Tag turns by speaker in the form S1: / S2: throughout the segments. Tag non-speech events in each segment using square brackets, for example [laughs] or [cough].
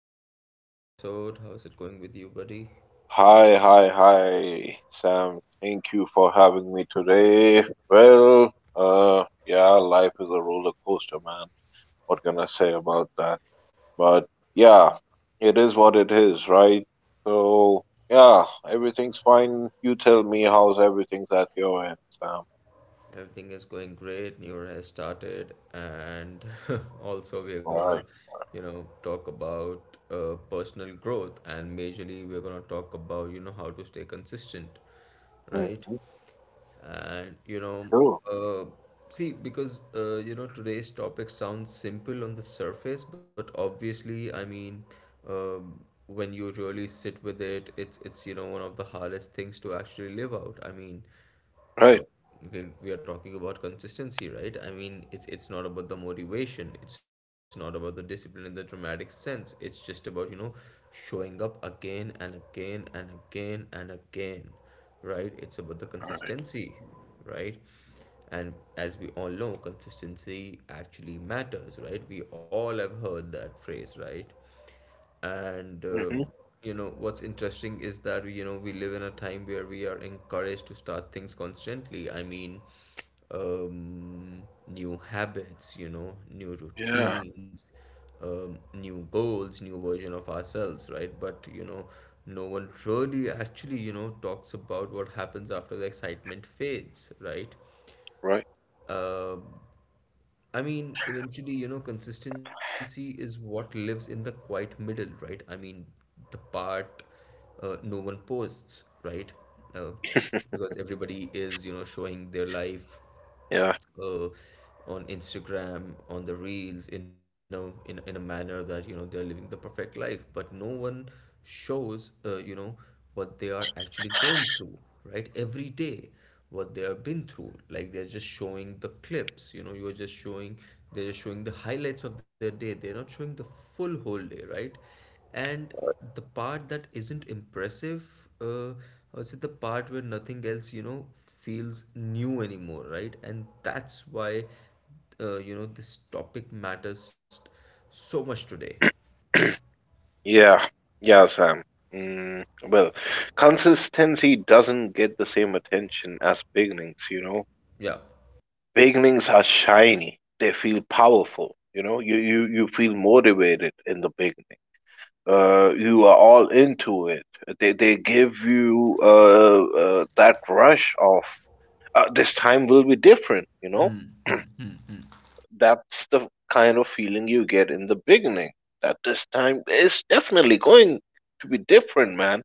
S1: back to another episode. How's it going with you, buddy?
S2: Hi, hi, hi, Sam. Thank you for having me today. Well, yeah, life is a roller coaster, man. What can I say about that? But yeah, it is what it is, right? So, yeah, everything's fine. You tell me how's everything's at your end, Sam.
S1: Everything is going great. New year has started, and [laughs] also we're gonna,
S2: All right, all right.
S1: talk about personal growth, and majorly we're gonna talk about, how to stay consistent, right?
S2: Mm-hmm.
S1: And
S2: Sure.
S1: uh, see, because today's topic sounds simple on the surface, but obviously, I mean, um, when you really sit with it, it's one of the hardest things to actually live out. I mean, uh,
S2: Right.
S1: we are talking about consistency, right? I mean, it's not about the motivation, it's not about the discipline in the dramatic sense. It's just about, showing up again and again and again and again, right? It's about the consistency, right? And as we all know, consistency actually matters, right? We all have heard that phrase, right? And
S2: Mm-hmm.
S1: what's interesting is that we live in a time where we are encouraged to start things constantly. I mean, um, new habits, new
S2: Yeah,
S1: routines, new goals, new version of ourselves, right? But no one really actually talks about what happens after the excitement fades, right?
S2: right.
S1: um, I mean, eventually, consistency is what lives in the quiet middle, right? I mean, the part no one posts, right? Uh, because everybody is, showing their life
S2: Yeah.
S1: uh, on Instagram, on the reels, in a in a manner that they're living the perfect life, but no one shows what they are actually going through, right? Every day, what they have been through. Like they're just showing the clips, you know. You're just showing They're just showing the highlights of their day. They're not showing the full whole day, right? And the part that isn't impressive, I would say the part where nothing else, feels new anymore, right? And that's why, this topic matters so much today.
S2: Yeah, yeah, Sam. Mm, well, consistency doesn't get the same attention as beginnings.
S1: Yeah,
S2: Beginnings are shiny. They feel powerful, you know. You feel motivated in the beginning. You are all into it. They give you that rush of this time will be different. That's the kind of feeling you get in the beginning. That this time is definitely going to be different, man.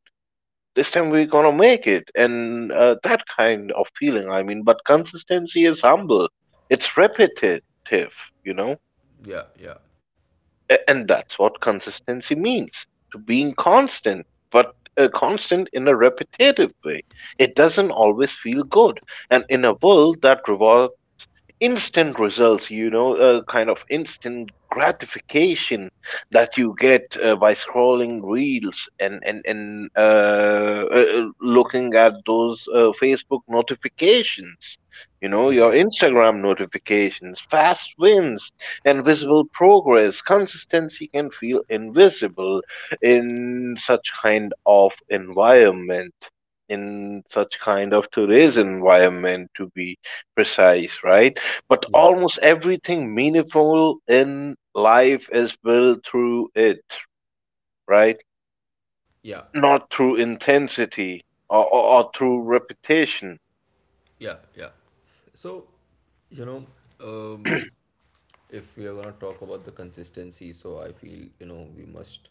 S2: This time we're gonna make it and That kind of feeling, I mean, but consistency is humble. It's repetitive you know
S1: yeah, yeah,
S2: and that's what consistency means, to being constant, but constant in a repetitive way. It doesn't always feel good, and in a world that reward, instant results, you know, a kind of instant gratification that you get by scrolling reels and looking at those Facebook notifications, you know,
S1: yeah,
S2: your Instagram notifications, fast wins, and visible progress. Consistency can feel invisible in such kind of environment. In such kind of today's environment, to be precise, right? But
S1: yeah,
S2: almost everything meaningful in life is built through it, right?
S1: yeah,
S2: Not through intensity or through repetition.
S1: yeah, yeah. So, you know, um,
S2: [clears throat]
S1: if we are going to talk about the consistency, so I feel we must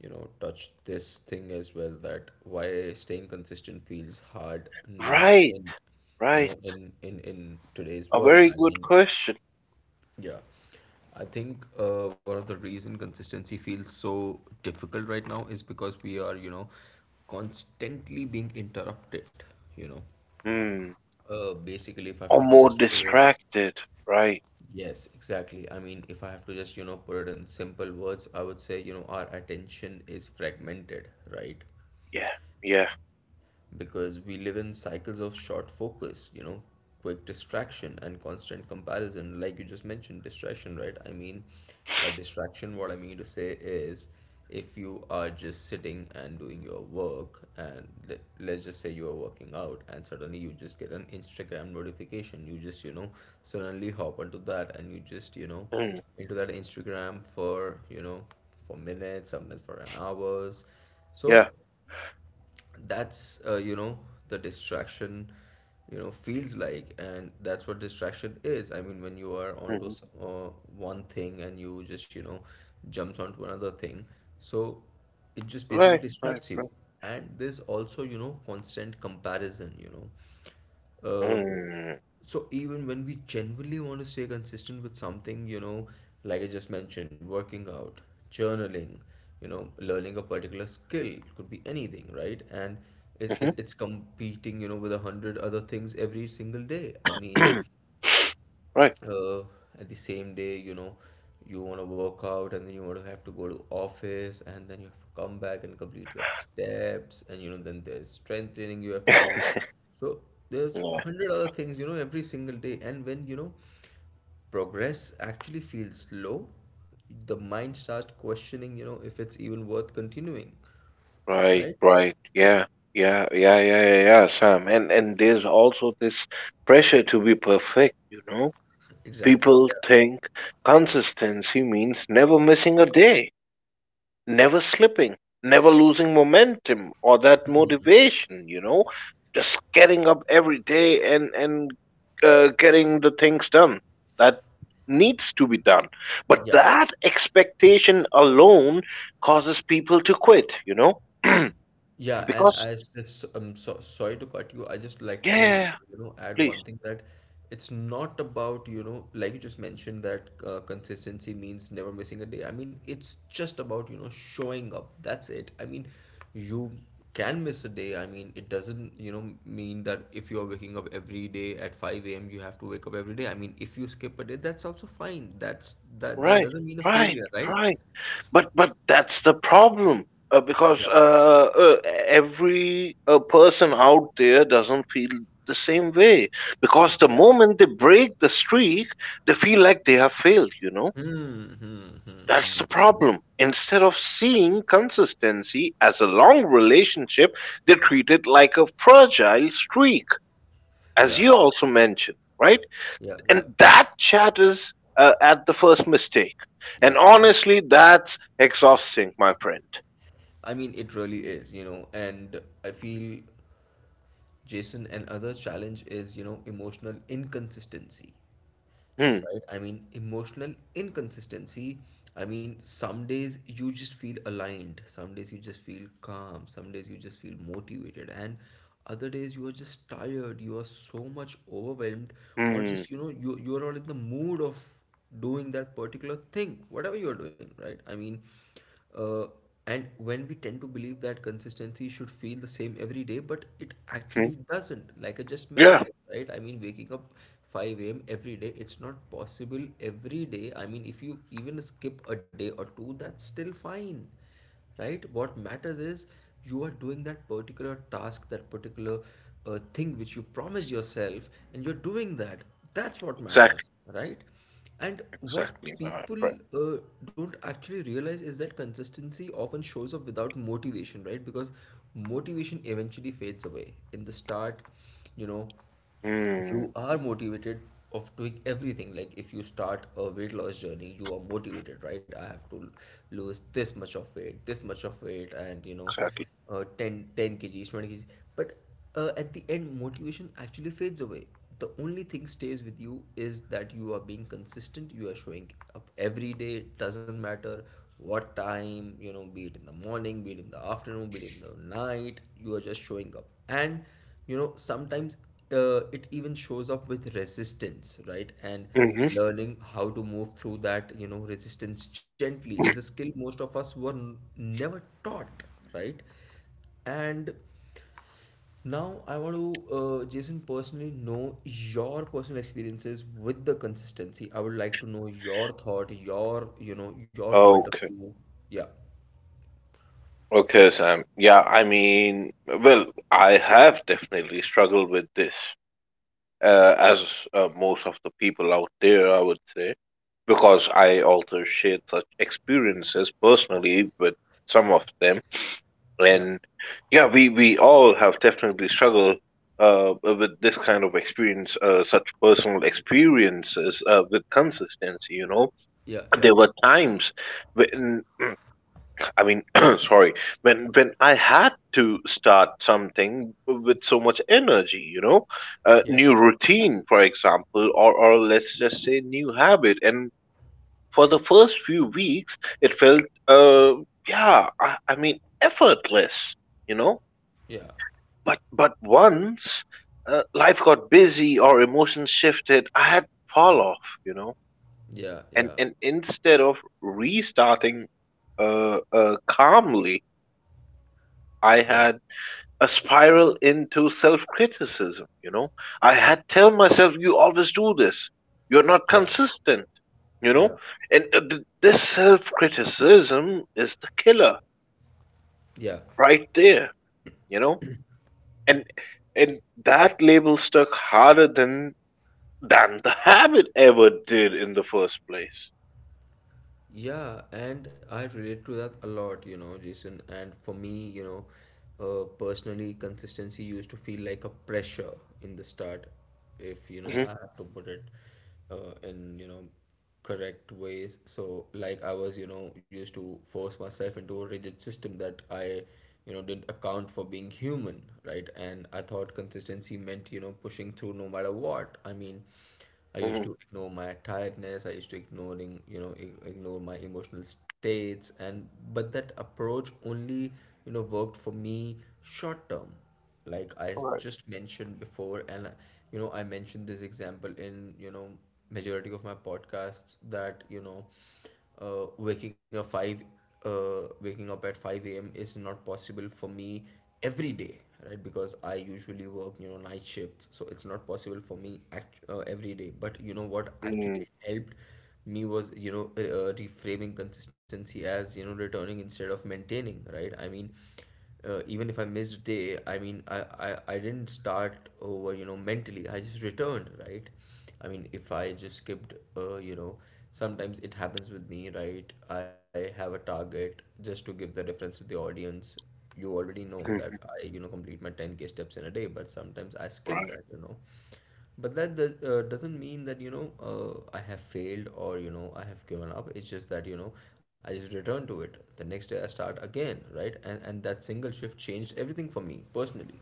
S1: touch this thing as well, that why staying consistent feels hard now
S2: Right,
S1: in you
S2: right.
S1: know in today's
S2: A
S1: world.
S2: very
S1: I
S2: good
S1: mean,
S2: question.
S1: yeah, I think one of the reason consistency feels so difficult right now is because we are constantly being interrupted, you know
S2: Hmm.
S1: basically if I have
S2: Or
S1: to
S2: more
S1: just put it.
S2: distracted, right?
S1: Yes, exactly. I mean, if I have to just, put it in simple words, I would say, our attention is fragmented, right?
S2: Yeah, yeah,
S1: Because we live in cycles of short focus, quick distraction and constant comparison. Like you just mentioned, distraction, right? I mean, by distraction, what I mean to say is, if you are just sitting and doing your work, and let's just say you are working out, and suddenly you just get an Instagram notification, you just, suddenly hop onto that and you just,
S2: mm,
S1: into that Instagram for, for minutes, sometimes for an hours. So
S2: yeah.
S1: that's the distraction, feels like, and that's what distraction is. I mean, when you are onto
S2: Hmm.
S1: one thing and you just jumps onto another thing. So it just basically
S2: Right, right,
S1: distracts you.
S2: right.
S1: And there's also constant comparison. You know Uh,
S2: Mm.
S1: so even when we genuinely want to stay consistent with something, like I just mentioned, working out, journaling, learning a particular skill, it could be anything, right? And it,
S2: Hmm.
S1: it, it's competing, with a hundred other things every single day. I mean,
S2: [clears throat] Right.
S1: uh, at the same day, you want to work out, and then you want to have to go to office, and then you have to come back and complete your steps, and then there's strength training you have to
S2: [clears throat]
S1: do. So there's
S2: Yeah.
S1: hundred other things, every single day, and when, progress actually feels slow, the mind starts questioning, if it's even worth continuing,
S2: Right,
S1: right?
S2: right. Yeah, yeah, yeah, yeah, yeah, yeah, Sam. And there's also this pressure to be perfect, you know?
S1: Exactly.
S2: People
S1: Yeah,
S2: think consistency means never missing a day, never slipping, never losing momentum or that motivation, you know? Just getting up every day and getting the things done that needs to be done. But
S1: yeah.
S2: that expectation alone causes people to quit, you know?
S1: Yeah, and
S2: Because
S1: I just so sorry to cut you. I just like to,
S2: Yeah,
S1: add
S2: please.
S1: one thing, that it's not about, like you just mentioned that consistency means never missing a day. I mean, it's just about, showing up. That's it. I mean, you can miss a day. I mean, it doesn't, mean that if you are waking up every day at 5 a.m., you have to wake up every day. I mean, if you skip a day, that's also fine. That
S2: Right,
S1: doesn't mean a
S2: right,
S1: failure, right?
S2: right. But that's the problem uh,
S1: Yeah.
S2: because uh, uh, every person out there doesn't feel the same way, because the
S1: Yeah.
S2: moment they break the streak, they feel like they have failed. You know,
S1: Hmm.
S2: that's the problem. Instead of seeing consistency as a long relationship, they treat it like a fragile streak, as
S1: Yeah,
S2: you
S1: yeah,
S2: also mentioned, right?
S1: yeah, yeah.
S2: And that chat is at the first mistake. And
S1: Yeah, yeah.
S2: honestly, that's exhausting, my friend.
S1: I mean, it really is, and I feel, Jason, another challenge is, emotional inconsistency,
S2: Hmm.
S1: right? I mean, emotional inconsistency. I mean, some days you just feel aligned, some days you just feel calm, some days you just feel motivated, and other days you are just tired, you are so much overwhelmed, or
S2: Hmm.
S1: just, you are not in the mood of doing that particular thing, whatever you're doing, right? I mean, Uh, and when we tend to believe that consistency should feel the same every day, but it
S2: Hmm.
S1: actually doesn't, like I just
S2: Yeah.
S1: mentioned, right? I mean, waking up 5 a.m. every day, it's not possible every day. I mean, if you even skip a day or two, that's still fine, right? What matters is, you are doing that particular task, that particular thing which you promised yourself, and you're doing that. That's what
S2: Exactly.
S1: matters, right? And what
S2: Exactly, my
S1: people
S2: friend.
S1: uh, don't actually realize is that consistency often shows up without motivation, right? Because motivation eventually fades away in the start. you know
S2: Hmm.
S1: you are motivated of doing everything. Like if you start a weight loss journey, you are motivated, right? I have to lose this much of weight, this much of weight, and
S2: Exactly.
S1: ten ten 10 kgs, 20 kgs. But at the end, motivation actually fades away. The only thing stays with you is that you are being consistent. You are showing up every day. It doesn't matter what time, be it in the morning, be it in the afternoon, be it in the night, you are just showing up. And sometimes it even shows up with resistance, right? And
S2: Hmm.
S1: learning how to move through that, resistance gently, is a skill most of us were never taught, right? And now I want to, Jason, personally know your personal experiences with the consistency. I would like to know your thought, your point of
S2: Okay.
S1: view. Yeah,
S2: Okay, Sam. Yeah. I mean, well, I have definitely struggled with this, as most of the people out there, I would say, because I also shared such experiences personally with some of them,
S1: yeah,
S2: and yeah, we all have definitely struggled with this kind of experience, such personal experiences with consistency. You know,
S1: yeah, yeah,
S2: there were times when I mean, [clears throat] sorry, when I had to start something with so much energy. You know, a
S1: yeah,
S2: new routine, for example, or let's just say new habit, and for the first few weeks, it felt uh yeah, I mean effortless. You know,
S1: yeah,
S2: but once life got busy or emotions shifted, I had fall off. And
S1: yeah,
S2: and instead of restarting calmly, I
S1: yeah, yeah,
S2: had a spiral into self-criticism. I had tell myself, "You always do this. You're not
S1: yeah,
S2: consistent," you
S1: yeah,
S2: know. And this self-criticism is the killer
S1: yeah.
S2: right there, you know. And and that label stuck harder than the habit ever did in the first place.
S1: Yeah, and I relate to that a lot, Jason. And for me, personally, consistency used to feel like a pressure in the start, if
S2: Hmm.
S1: I have to put it in, correct ways. So, like, I was, used to force myself into a rigid system that I, didn't account for being human, right? And I thought consistency meant, pushing through no matter what. I mean, I used
S2: Hmm.
S1: to ignore my tiredness. I used to ignoring, ignore my emotional states. And but that approach only, worked for me short term. Like I
S2: Right.
S1: just mentioned before, and I mentioned this example in, majority of my podcasts, that, waking up 5, waking up at 5 a.m. is not possible for me every day, right? Because I usually work, night shifts, so it's not possible for me every day. But you know what
S2: Mm,
S1: actually helped me was, reframing consistency as, returning instead of maintaining, right? I mean, even if I missed a day, I mean, I didn't start over, mentally. I just returned, right? I mean, if I just skipped, sometimes it happens with me, right? I have a target, just to give the reference to the audience. You already know that
S2: mhm,
S1: I, complete my 10K steps in a day, but sometimes I skip
S2: right.
S1: that. But that doesn't mean that, I have failed, or, I have given up. It's just that, I just return to it. The next day I start again, right? And that single shift changed everything for me personally.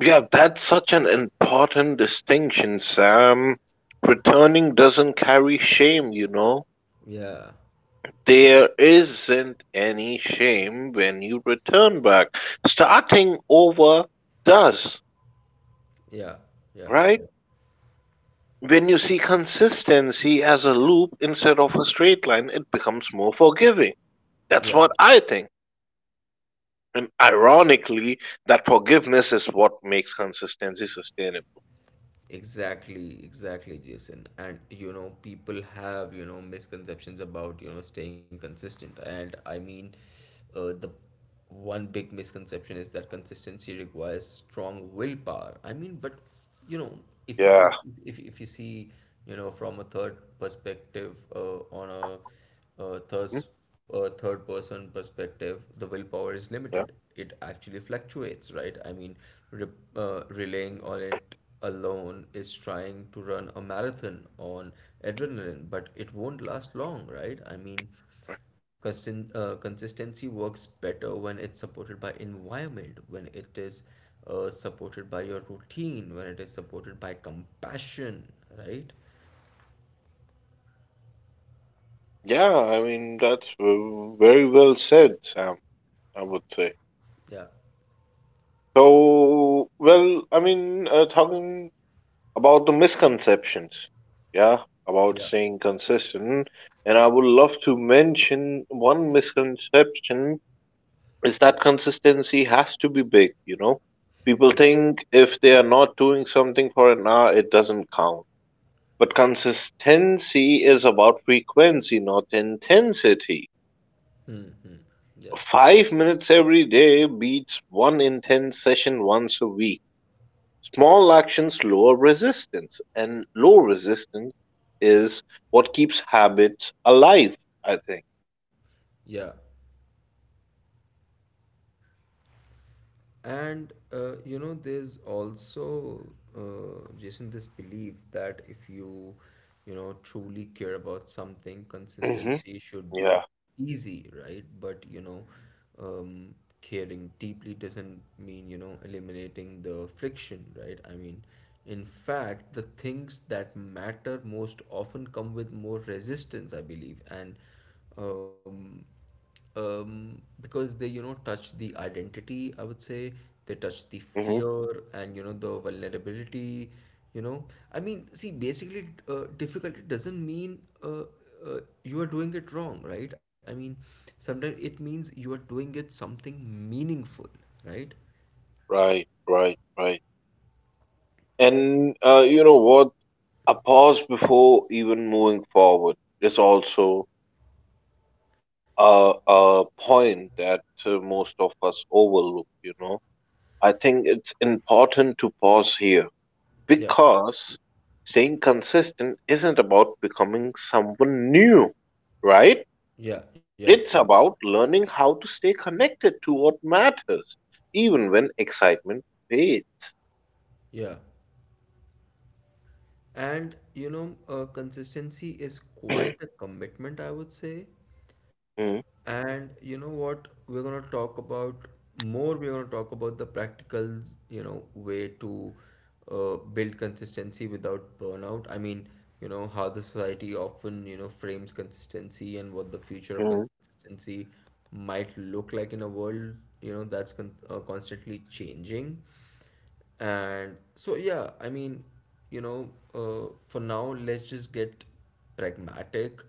S2: Yeah, that's such an important distinction, Sam. Returning doesn't carry shame.
S1: Yeah,
S2: There isn't any shame when you return back. Starting over does,
S1: yeah, yeah,
S2: right?
S1: yeah,
S2: When you see consistency as a loop instead of a straight line, it becomes more forgiving.
S1: yeah.
S2: That's what I think. And ironically, that forgiveness is what makes consistency sustainable.
S1: Exactly, exactly, Jason. And people have, misconceptions about, staying consistent. The one big misconception is that consistency requires strong willpower. I mean, but you know, if you
S2: Yeah.
S1: If you see, from a third perspective, uh,
S2: Mhm.
S1: thus, a third person perspective, the willpower is
S2: Yeah.
S1: limited. It actually fluctuates, right? Re- Relying on it alone is trying to run a marathon on adrenaline, but it won't last long, right? Consistency works better when it's supported by environment, when it is supported by your routine, when it is supported by compassion, right?
S2: Yeah. I mean, that's very well said, Sam, I would say.
S1: Yeah,
S2: So, well, I mean, talking about the misconceptions, yeah, about
S1: yeah,
S2: staying consistent, and I would love to mention one misconception is that consistency has to be big, you know? People
S1: yeah.
S2: think if they are not doing something for an hour, it doesn't count. But consistency is about frequency, not intensity.
S1: Hmm, hmm. Yeah.
S2: 5 minutes every day beats one intense session once a week. Small actions lower resistance, and low resistance is what keeps habits alive, I think.
S1: Yeah. And there's also, Jason, this belief that if you, truly care about something,
S2: Hmm.
S1: consistency should be
S2: Yeah.
S1: easy, right? But, um, caring deeply doesn't mean, eliminating the friction, right? I mean, in fact, the things that matter most often come with more resistance, I believe. Um, because they, you know, touch the identity, I would say, they touch the
S2: Hmm.
S1: fear and, you know, the vulnerability, you know. I mean, see, basically, difficulty doesn't mean uh, you are doing it wrong, right? I mean, sometimes it means you are doing it something meaningful, right?
S2: Right, right, right. And you know what? A pause before even moving forward is also a point that most of us overlook. I think it's important to pause here
S1: Yeah,
S2: because staying consistent isn't about becoming someone new, right?
S1: yeah, yeah, yeah,
S2: It's about learning how to stay connected to what matters, even when excitement fades. [clears throat]
S1: yeah. And consistency is quite a commitment, I would say.
S2: Mhm,
S1: And you know what? We're gonna talk about more. We're gonna talk about the practical, way to build consistency without burnout. I mean, how the society often, frames consistency, and what the future of
S2: mhm.
S1: consistency might look like in a world, that's constantly changing. And so, yeah, you know, for now, let's just get pragmatic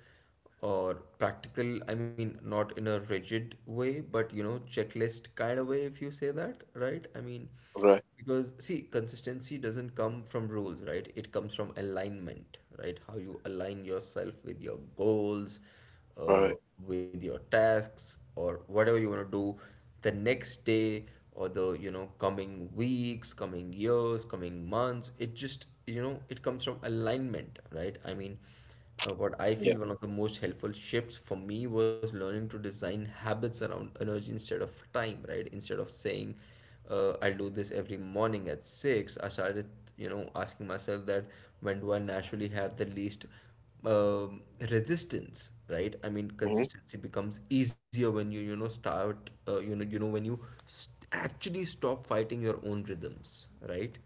S1: or practical. I mean, not in a rigid way, but, checklist kind of way, if you say that, right? I mean,
S2: Right,
S1: because, see, consistency doesn't come from rules, right? It comes from alignment, right? How you align yourself with your goals, uh,
S2: right.
S1: with your tasks, or whatever you want to do the next day, or the, you know, coming weeks, coming years, coming months. It just, you know, it comes from alignment, right? What I
S2: Yeah.
S1: feel, one of the most helpful shifts for me was learning to design habits around energy instead of time, right? Instead of saying, I'll do this every morning at six, I started, asking myself that, when do I naturally have the least um, resistance, right? I mean,
S2: Hmm.
S1: consistency becomes easier when you know, start, you know, when you st actually stop fighting your own rhythms, right?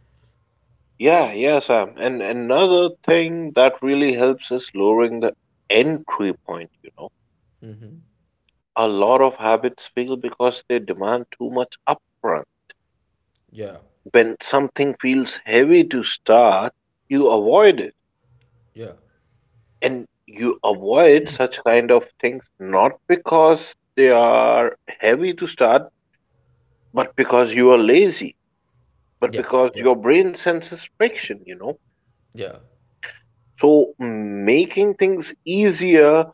S2: Yeah, yeah, Sam. And another thing that really helps is lowering the entry point. A lot of habits fail because they demand too much upfront.
S1: Yeah,
S2: When something feels heavy to start, you avoid it.
S1: yeah,
S2: And you avoid such kind of things not because they are heavy to start, but because you are lazy, but
S1: yeah,
S2: because
S1: yeah,
S2: your brain senses friction.
S1: yeah,
S2: So making things easier.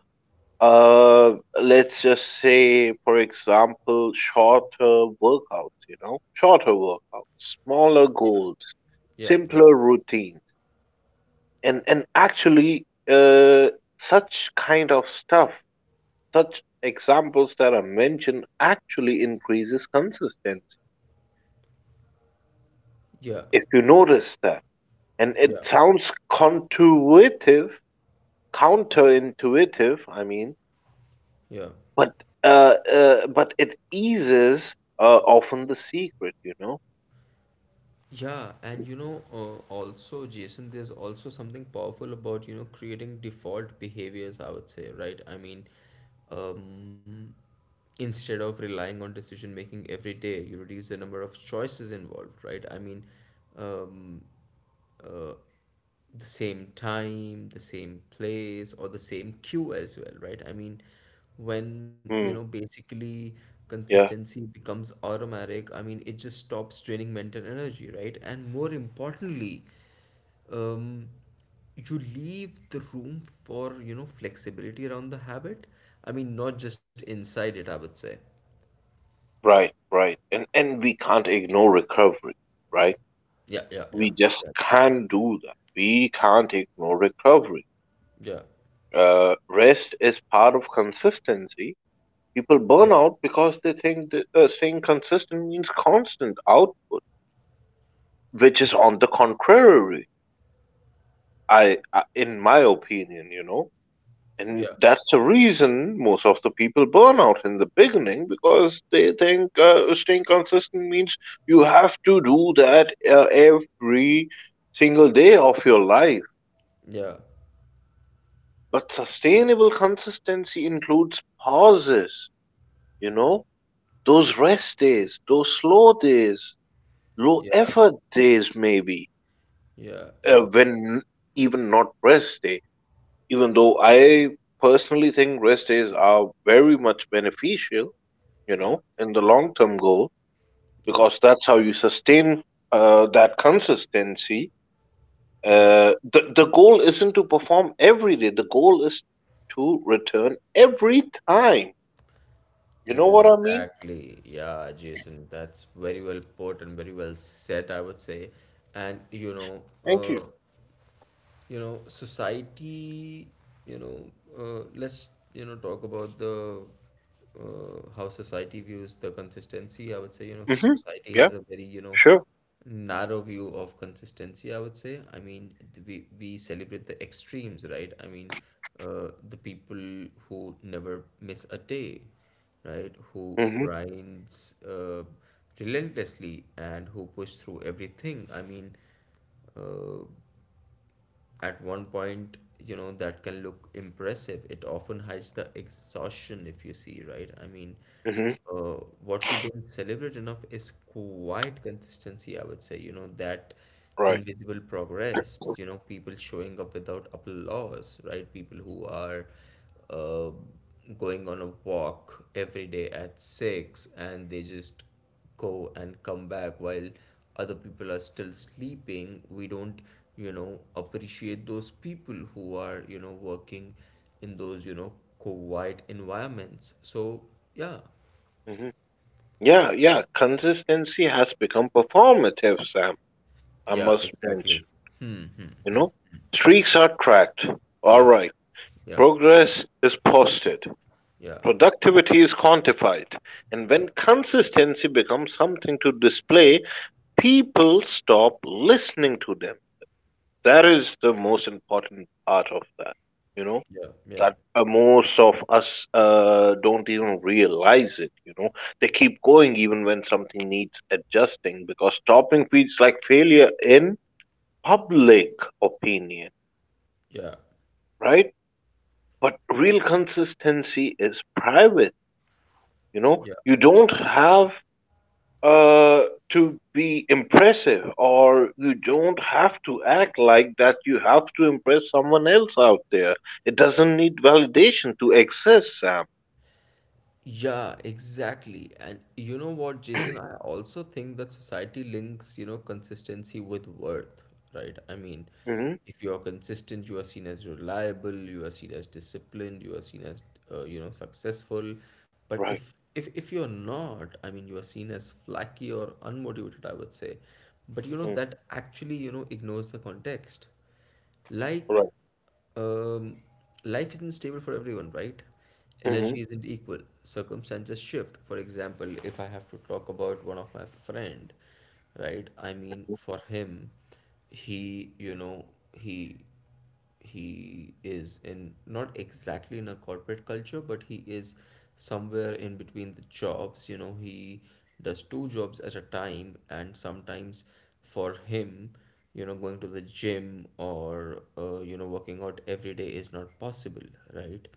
S2: Uh, let's just say, for example, shorter workouts, you know, shorter workouts, smaller goals,
S1: yeah,
S2: simpler routines, and actually, such kind of stuff, such examples that are mentioned actually increases consistency.
S1: yeah, yeah,
S2: If you notice that, and it
S1: yeah,
S2: sounds counterintuitive, I mean,
S1: yeah.
S2: but it eases often the secret.
S1: Yeah, and also, Jason, there's also something powerful about, creating default behaviors, I would say, right? Um, Instead of relying on decision making every day, you reduce the number of choices involved, right? Um, uh, the same time, the same place, or the same queue as well, right? I mean, when,
S2: Hmm.
S1: basically
S2: Yeah.
S1: consistency becomes automatic. I mean, it just stops draining mental energy, right? And more importantly, um, you leave the room for, you know, flexibility around the habit. I mean, not just inside it, I would say.
S2: Right. Right. And we can't ignore recovery. Right.
S1: Yeah, yeah, yeah,
S2: We just
S1: exactly.
S2: can't do that. We can't ignore recovery.
S1: Yeah,
S2: Rest is part of consistency. People
S1: yeah,
S2: burn out because they think that staying consistent means constant out, which is on the contrary. I in my opinion. And
S1: yeah,
S2: that's the reason most of the people burn out in the beginning because they think staying consistent means you have to do that every single day of your life.
S1: yeah,
S2: But sustainable consistency includes pauses, you know, those rest days, those slow days, low
S1: yeah,
S2: effort days, maybe,
S1: yeah, yeah,
S2: when even not rest day, even though
S1: yeah,
S2: I personally think rest days are very much beneficial, you
S1: yeah.
S2: know, in the
S1: Yeah,
S2: long term goal,
S1: yeah,
S2: because that's how you sustain that consistency.
S1: yeah.
S2: The goal isn't to perform every day, the goal is to return every time. You know what I mean?
S1: Exactly. Yeah, Jason, that's very well put and very well said, I would say. And
S2: Thank
S1: uh,
S2: you.
S1: society, you know let's, talk about the, how society views the consistency, I would say. You know,
S2: Mm-hmm.
S1: society
S2: Yeah,
S1: has a very,
S2: sure.
S1: narrow view of consistency, I would say. We celebrate the extremes, right? The people who never miss a day, right, who
S2: Mm-hmm.
S1: grinds relentlessly and who push through everything. Uh, at one point, that can look impressive, it often hides the exhaustion, if you see, right?
S2: Mm-hmm.
S1: Uh, what we don't celebrate enough is quite consistency, I would say, that
S2: Right.
S1: invisible progress, people showing up without applause, right, people who are uh, going on a walk every day at 6, and they just go and come back while other people are still sleeping. We don't, appreciate those people who are, working in those, quiet environments. So yeah.
S2: Mm-hmm. Yeah, yeah. Consistency has become performative, Sam. I
S1: Yeah,
S2: must mention,
S1: exactly.
S2: you know, streaks are tracked. All
S1: Yeah,
S2: right.
S1: yeah,
S2: Progress is posted.
S1: yeah,
S2: Productivity is quantified, and when
S1: yeah,
S2: consistency becomes something to display, people stop listening to them. That is the most important part of that, you know,
S1: yeah, yeah,
S2: that most of us don't even realize it, you know. They keep going even when something needs adjusting because stopping feels like failure in public opinion,
S1: yeah,
S2: right? But real consistency is private, you know.
S1: yeah.
S2: You don't have uh, to be impressive, or you don't have to act like that you have to impress someone else out there. It doesn't need validation to exist, Sam.
S1: Yeah, exactly. And you know what, Jason, I also think that society links, consistency with worth, right? I mean,
S2: Hmm.
S1: if you are consistent, you are seen as reliable, you are seen as disciplined, you are seen as, successful. But
S2: Right.
S1: if you're not, I mean, you are seen as flaky or unmotivated, I would say. But you know,
S2: Mm,
S1: that actually, ignores the context. Like,
S2: right.
S1: um, life isn't stable for everyone, right?
S2: Hmm.
S1: Energy isn't equal. Circumstances shift. For example, if I have to talk about one of my friend, right? I mean, for him, he, you know, he he is in, not exactly in a corporate culture, but he is somewhere in between the jobs. You know, he does two jobs at a time, and sometimes for him, going to the gym, or, working out every day is not possible, right,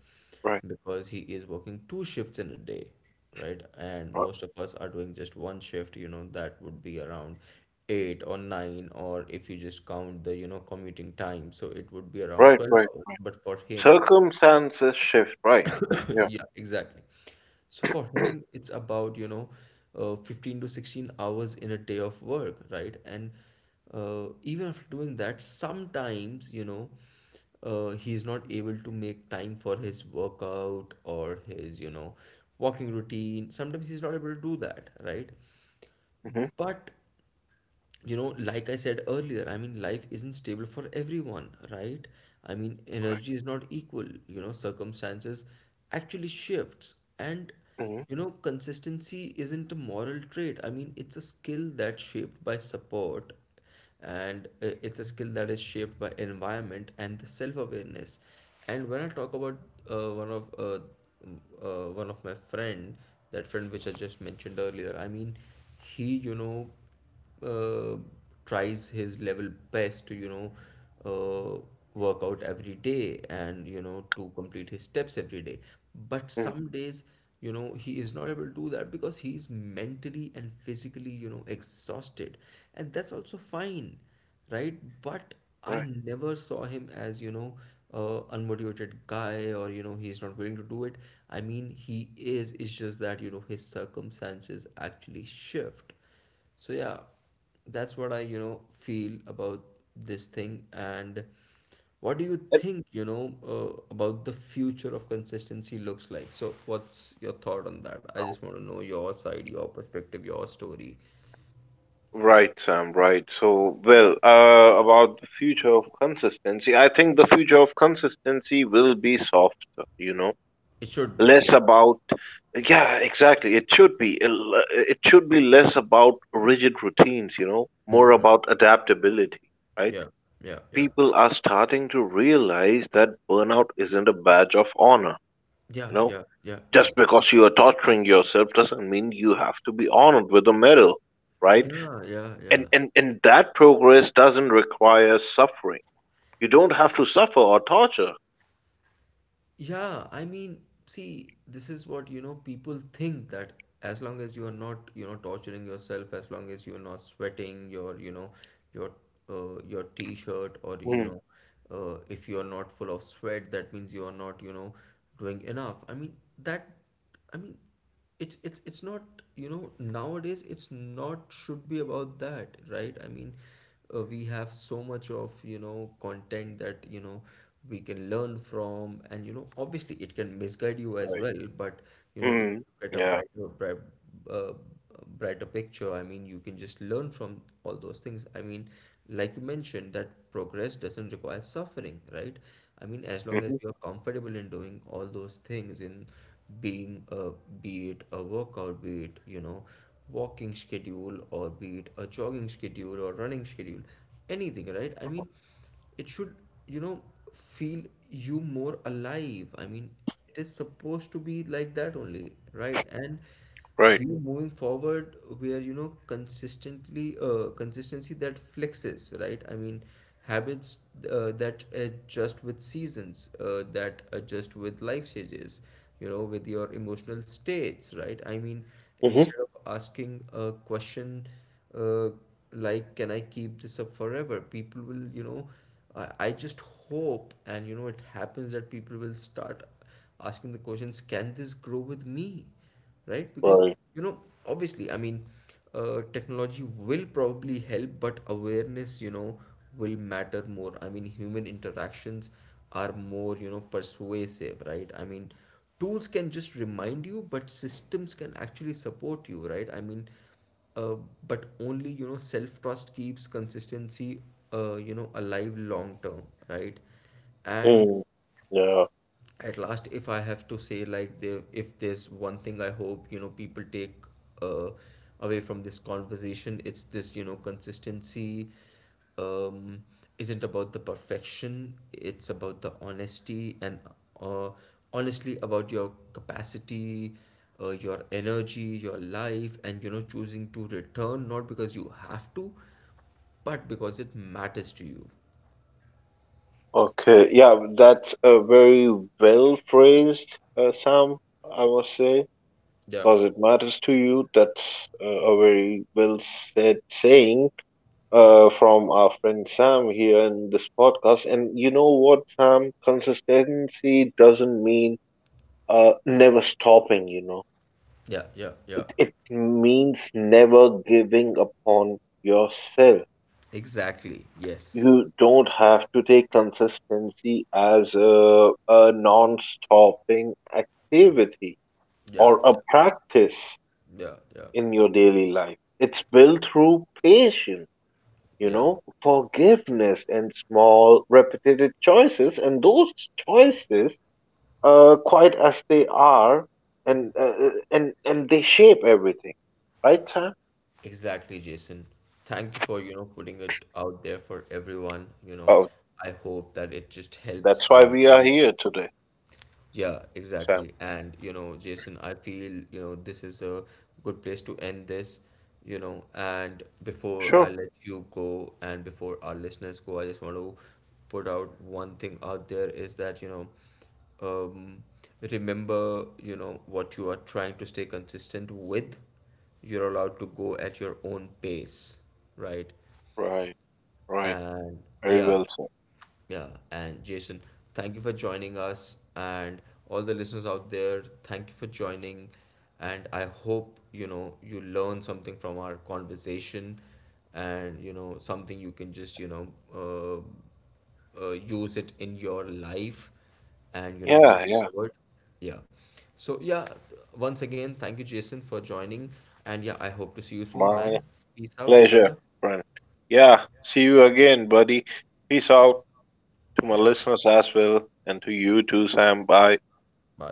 S2: Right.
S1: because he is working two shifts in a day, right? And
S2: Right.
S1: most of us are doing just one shift, that would be around 8 or 9, or if you just count the, commuting time, so it would be around
S2: Right.
S1: 12
S2: Right.
S1: hours.
S2: Right.
S1: But for him,
S2: Circumstances shift. Right.
S1: [coughs] [laughs]
S2: Yeah.
S1: yeah, exactly. So for him,
S2: [clears throat]
S1: it's about, 15 to 16 hours in a day of work, right? And even after doing that, sometimes, he is not able to make time for his workout, or his, walking routine. Sometimes he's not able to do that, right?
S2: Hmm.
S1: But, like I said earlier, I mean, life isn't stable for everyone, right? I mean, energy is not equal, circumstances actually shifts. And,
S2: Hmm.
S1: consistency isn't a moral trait. I mean, it's a skill that's shaped by support, and it's a skill that is shaped by environment and the self-awareness. And when I talk about, uh, one of uh, one of my friend, that friend which I just mentioned earlier, I mean, he, uh, tries his level best to, uh, work out every day, and, to complete his steps every day. But
S2: Hmm.
S1: some days, he is not able to do that because he is mentally and physically, exhausted. And that's also fine, right? But I
S2: Right.
S1: never saw him as, a unmotivated guy, or, he's not willing to do it. I mean, he is. It's just that, his circumstances actually shift. So yeah, that's what I, feel about this thing. And what do you
S2: And-
S1: think, about the future of consistency looks like? So what's your thought on that? I just want to know your side, your perspective, your story.
S2: Right, Sam, right. So, well, about the future of consistency, I think the future of consistency will be softer, you know,
S1: It should be,
S2: less
S1: yeah,
S2: about, yeah, exactly. It should be, it should be less about rigid routines, you know, more about adaptability, right?
S1: yeah, yeah, yeah,
S2: People are starting to realize that burnout isn't a badge of honor.
S1: yeah,
S2: You know,
S1: yeah, yeah, yeah,
S2: just because you are torturing yourself doesn't mean you have to be honored with a medal, right?
S1: yeah, yeah,
S2: And
S1: yeah.
S2: and and that progress doesn't require suffering. You don't have to suffer or torture.
S1: Yeah, I mean, see, this is what, people think that, as long as you are not, torturing yourself, as long as you are not sweating your, your your t-shirt, or,
S2: Mm,
S1: if you are not full of sweat, that means you are not, doing enough. I mean, that, I mean, it's not, nowadays it's not should be about that, right? I mean, we have so much of, content that, we can learn from, and, obviously it can misguide you as
S2: right.
S1: well, but, if
S2: Mm,
S1: you look at a
S2: yeah.
S1: uh, brighter picture, I mean, you can just learn from all those things. I mean, like you mentioned, that progress doesn't require suffering, right? I mean, as long as
S2: Hmm.
S1: you're comfortable in doing all those things, in being a, be it a workout, be it, walking schedule, or be it a jogging schedule or running schedule, anything, right? I mean, it should, you know feel you more alive. I mean, it is supposed to be like that only, right? And
S2: Right.
S1: we are moving forward where, you know consistently consistency that flexes, right? I mean, habits that adjust with seasons, that adjust with life stages, with your emotional states, right? I mean,
S2: Hmm.
S1: instead of asking a question, uh, like, can I keep this up forever, people will, I just hope, and, it happens, that people will start asking the questions, can this grow with me, right? Because,
S2: Right.
S1: you know obviously, I mean, technology will probably help, but awareness, will matter more. I mean, human interactions are more, persuasive, right? I mean, tools can just remind you, but systems can actually support you, right? Uh, but only, self trust keeps consistency alive long term, right? And
S2: Mm, yeah.
S1: at last, if I have to say, like, there, if there's one thing I hope, people take uh, away from this conversation, it's this. You know, consistency um, isn't about the perfection, it's about the honesty, and uh, honestly about your capacity, your energy, your life, and, choosing to return, not because you have to, but because it matters to you.
S2: Okay. Yeah. That's a very well phrased, Sam. I must say.
S1: Yeah,
S2: Because it matters to you. That's a very well said saying from our friend Sam here in this podcast. And you know what, Sam? Consistency doesn't mean never stopping, you know.
S1: yeah, yeah,
S2: It,
S1: yeah.
S2: it means never giving up on yourself.
S1: Exactly, yes.
S2: You don't have to take consistency as a non stopping activity
S1: Yeah,
S2: or a
S1: yeah,
S2: practice
S1: yeah, yeah,
S2: in your daily life. It's built through patience, you
S1: yeah.
S2: know, forgiveness, and small repetitive choices. And those choices, quite as they are, and uh, and they shape everything, right, Sam?
S1: Exactly, Jason. Thank you for, putting it out there for everyone. You know,
S2: Oh,
S1: I hope that it just helps
S2: that's why
S1: our
S2: we are
S1: listeners.
S2: here today,
S1: Yeah,
S2: Sam.
S1: exactly. And you know, Jason, I feel, this is a good place to end this, and before I
S2: Sure.
S1: let you go, and before our listeners go, I just want to put out one thing out there, is that, um, remember, what you are trying to stay consistent with. You're allowed to go at your own pace, right?
S2: Right. Right.
S1: And
S2: Very
S1: yeah.
S2: well said.
S1: Yeah, and Jason, thank you for joining us, and all the listeners out there, thank you for joining. And I hope, you learn something from our conversation, and, something you can just, uh, use it in your life, and, move
S2: Yeah. Yeah.
S1: forward. Yeah. So yeah, once again, thank you, Jason, for joining, and yeah, I hope to see you soon, man.
S2: My
S1: Peace out, brother.
S2: pleasure, friend. Yeah. See you again, buddy. Peace out to my
S1: Yeah.
S2: listeners as well, and to you too, Sam. Bye.
S1: Bye.